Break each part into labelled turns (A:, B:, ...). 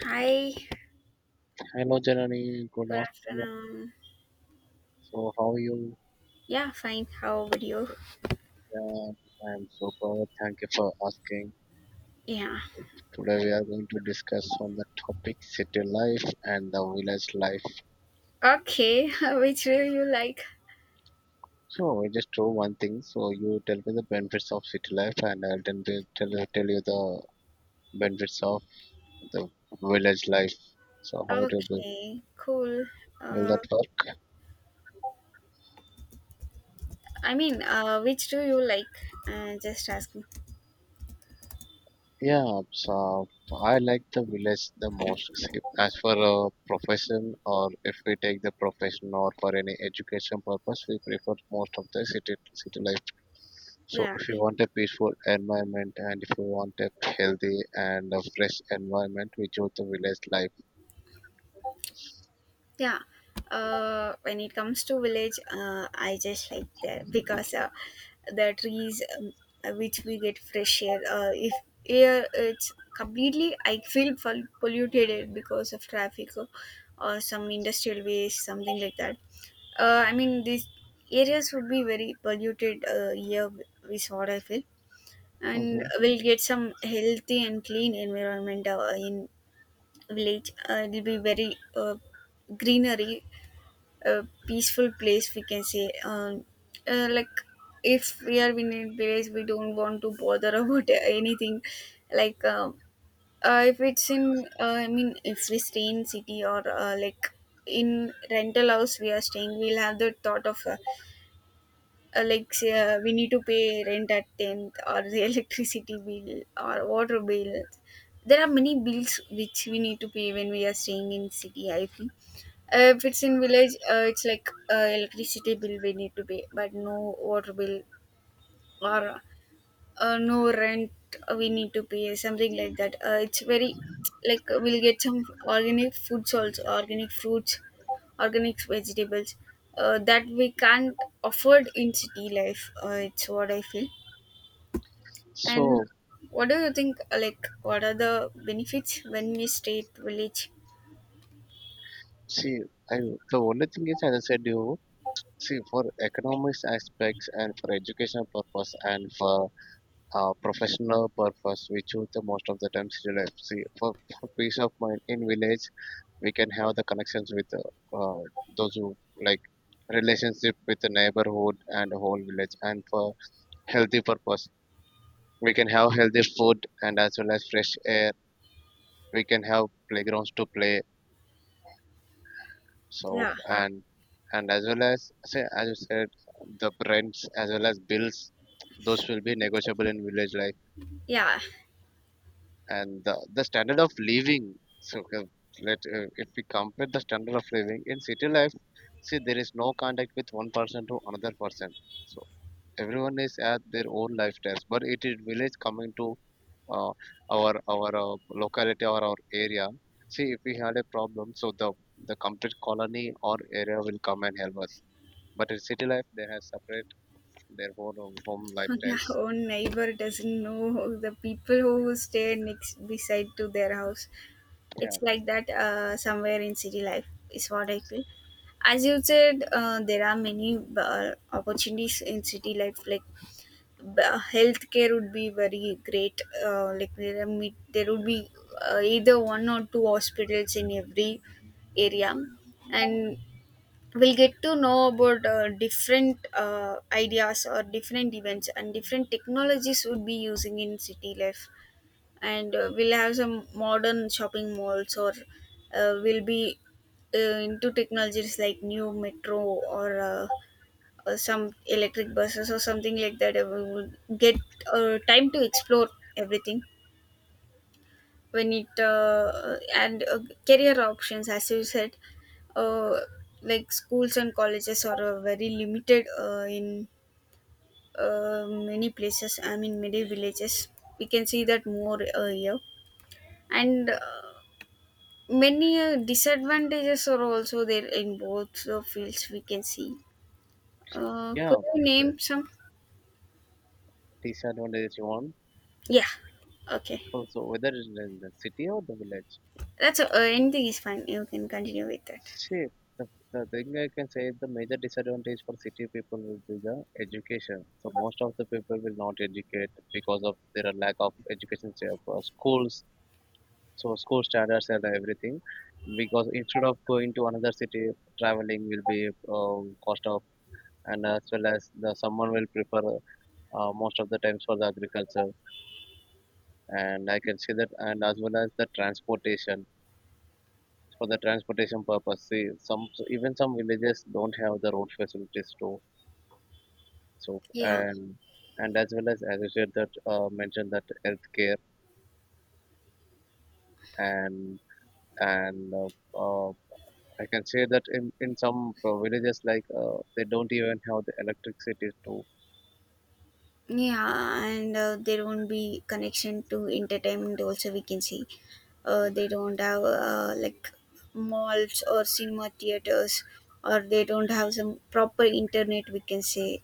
A: Hi,
B: Hello, Janani. Good
A: good
B: afternoon.
A: afternoon.
B: So, how are you?
A: Yeah, fine. How about you?
B: Yeah, I'm super. Thank you for asking. So,
A: Yeah.
B: today we are going to discuss on the topic city life and the village life.
A: Okay, which do you like?
B: So, we just do one thing. So, you tell me the benefits of city life, and I'll tell you the benefits of the village life. So, how it will be?
A: Okay, cool.
B: Will
A: Uh,
B: that work?
A: I mean, which do you like? Just asking.
B: Yeah, so I like the village the most. See, as for a profession, or if we take the profession or for any education purpose, we prefer most of the city life. So
A: Yeah,
B: if you want a peaceful environment and if you want a healthy and a fresh environment, we choose the village life.
A: yeah. When it comes to village, I just like that because the trees which we get fresh air. If air, it's completely, I feel polluted because of traffic, or some industrial waste, something like that. These areas would be very polluted, year we sort, I feel, and
B: Hmm
A: we'll get some healthy and clean environment in village. It'll be very greenery, a peaceful place, we can say. Like, if we are in a village, we don't want to bother about anything. Like um, if it's in, if we stay in city, or like in rental house we are staying, we'll have the thought of. Like say, we need to pay rent at 10th, or the electricity bill or water bill. There are many bills which we need to pay when we are staying in city, I feel. If it's in village, it's like electricity bill we need to pay, but no water bill, or no rent we need to pay, something like that. It's very like, we'll get some organic foods also, organic fruits, organic vegetables, that we can't afford in city life. It's what I feel. And
B: So,
A: what do you think? Like, what are the benefits when we stay at village?
B: see, I the only thing is, as I said, you see for economics aspects and for education purpose and for professional purpose, we choose the most of the times real life. See, for peace of mind in village, we can have the connections with those who like relationship with the neighborhood and the whole village. And for healthy purpose, we can have healthy food and as well as fresh air. We can have playgrounds to play. So
A: Yeah.
B: and as well as say as you said, the rents as well as bills, those will be negotiable
A: Exactly.
B: in village life
A: Yeah,
B: and the standard of living, so let if we compare the standard of living in city life, see there is no contact with one person to another person, so everyone is at their own lifestyles, but it is village coming to uh, our locality or our area. See if we had a problem, so the complete colony or area will come and help us, but in city life they have separate their own home lifestyles.
A: our own neighbor doesn't know the people who stay next beside to their house.
B: Yeah,
A: It's like that, somewhere in city life, is what I feel. As you said, there are many opportunities in city life. Like, healthcare would be very great. Like, there are, there would be either one or two hospitals in every area, and we'll get to know about different ideas, or different events, and different technologies would be using in city life. And we'll have some modern shopping malls, or we'll be into technologies like new metro, or some electric buses or something like that. We will get time to explore everything when it and career options, as you said. uh, like, schools and colleges are very limited in many places, I mean, many villages, we can see that more here. And many disadvantages are also there in both the fields, we can see.
B: yeah,
A: Could you
B: so
A: name some?
B: disadvantages you want.
A: Yeah. Okay.
B: Also, whether in the city or the village.
A: That's, anything is fine. You can continue with that.
B: See, the, the thing I can say is the major disadvantage for city people will be the education. So most of the people will not educate because of their lack of education schools. So school standards and everything. Because instead of going to another city, traveling will be cost of, and as well as the someone will prefer most of the times for the agriculture, and I can see that, and as well as the transportation, for the transportation purpose. See, some, so even some villages don't have the road facilities too. So
A: Yeah.
B: and as well as you said that mentioned that healthcare, and and I can say that in some villages, like they don't even have the electricity too.
A: Yeah, and there won't be connection to entertainment also, we can see. They don't have like malls or cinema theaters, or they don't have some proper internet, we can say.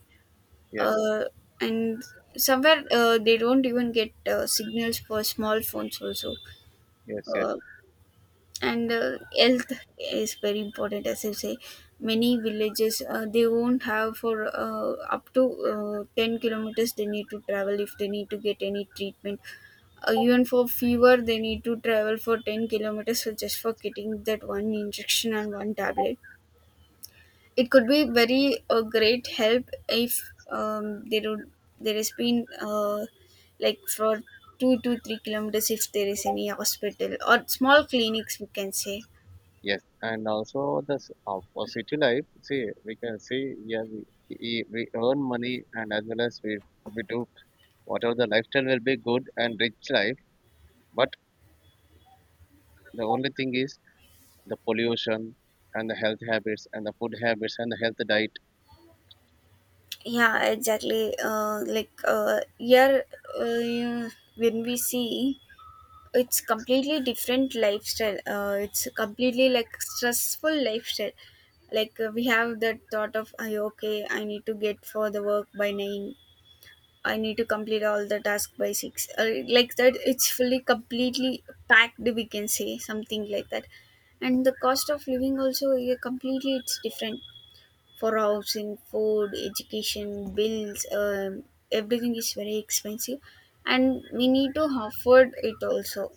B: Yes,
A: uh, and somewhere, they don't even get signals for small phones also.
B: yes, yes,
A: uh, and health is very important. As I say, many villages, they won't have, for up to 10 kilometers they need to travel if they need to get any treatment. Even for fever, they need to travel for 10 kilometers, so just for getting that one injection and one tablet, it could be very a great help if there would, there has been, like for 2 to 3 kilometers, if there is any hospital or small clinics, we can say.
B: yes. And also this for city life. See, we can see, yeah, we earn money and as well as we do whatever, the lifestyle will be good and rich life. But the only thing is the pollution and the health habits and the food habits and the health diet.
A: Yeah, exactly. Like, here, uh, yeah, when we see, it's completely different lifestyle. It's completely like stressful lifestyle. Like, we have that thought of, I okay, I need to get for the work by 9. I need to complete all the task by 6. Like that, it's fully completely packed, we can say, something like that. And the cost of living also, yeah, completely it's different for housing, food, education, bills. Everything is very expensive, and we need to afford it also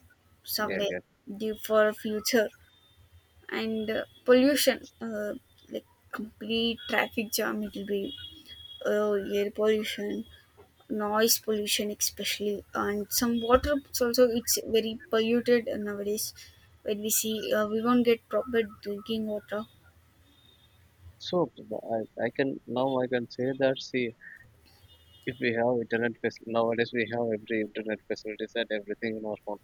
B: Yeah,
A: somewhere
B: yeah.
A: due for future. And pollution. Like, complete traffic jam, it will be. Air pollution, noise pollution especially, and some water it's also, it's very polluted nowadays. When we see, we won't get proper drinking water.
B: So I can, now I can say that, see, if we have internet nowadays we have every internet facilities and everything in our phone.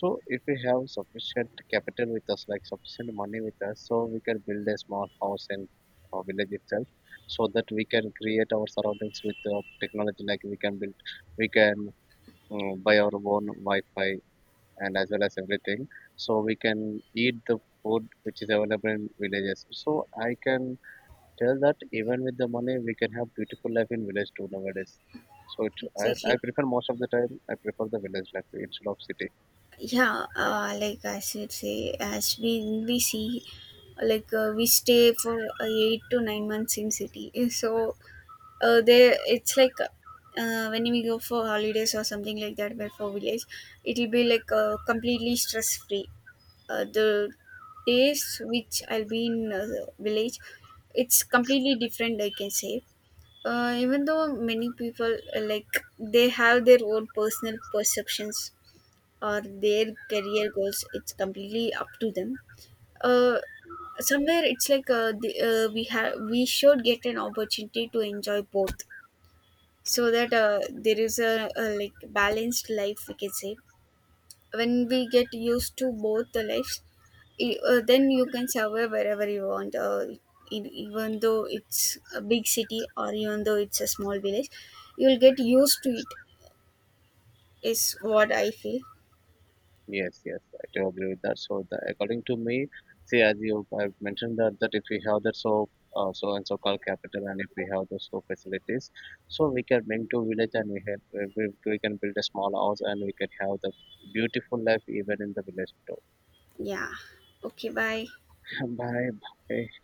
B: So if we have sufficient capital with us, like sufficient money with us, so we can build a small house in our village itself, so that we can create our surroundings with technology. Like we can build, we can buy our own Wi-Fi and as well as everything. So we can eat the food which is available in villages. So I can tell that even with the money, we can have beautiful life in village too nowadays. So it, I
A: Exactly.
B: prefer most of the time, I prefer the village life instead of city.
A: Yeah, like, I should say, as we see, like, we stay for 8 to 9 months in city. So there it's like, when we go for holidays or something like that, where for village it'll be like completely stress free. The days which I'll be in the village, it's completely different, I can say. Even though many people, like, they have their own personal perceptions or their career goals, it's completely up to them. Uh, Somewhere it's like, we have, we should get an opportunity to enjoy both, so that there is a like balanced life, we can say. When we get used to both the lives, then you can survive wherever you want, even though it's a big city, or even though it's a small village, you'll get used to it, is what I feel.
B: Yes, yes, I do agree with that. So, the, according to me, see, as you have mentioned that that if we have that so so and so called capital, and if we have those so facilities, so we can bring to village, and we have we can build a small house and we can have the beautiful life even in the village too.
A: Yeah, okay, bye.
B: Bye, bye.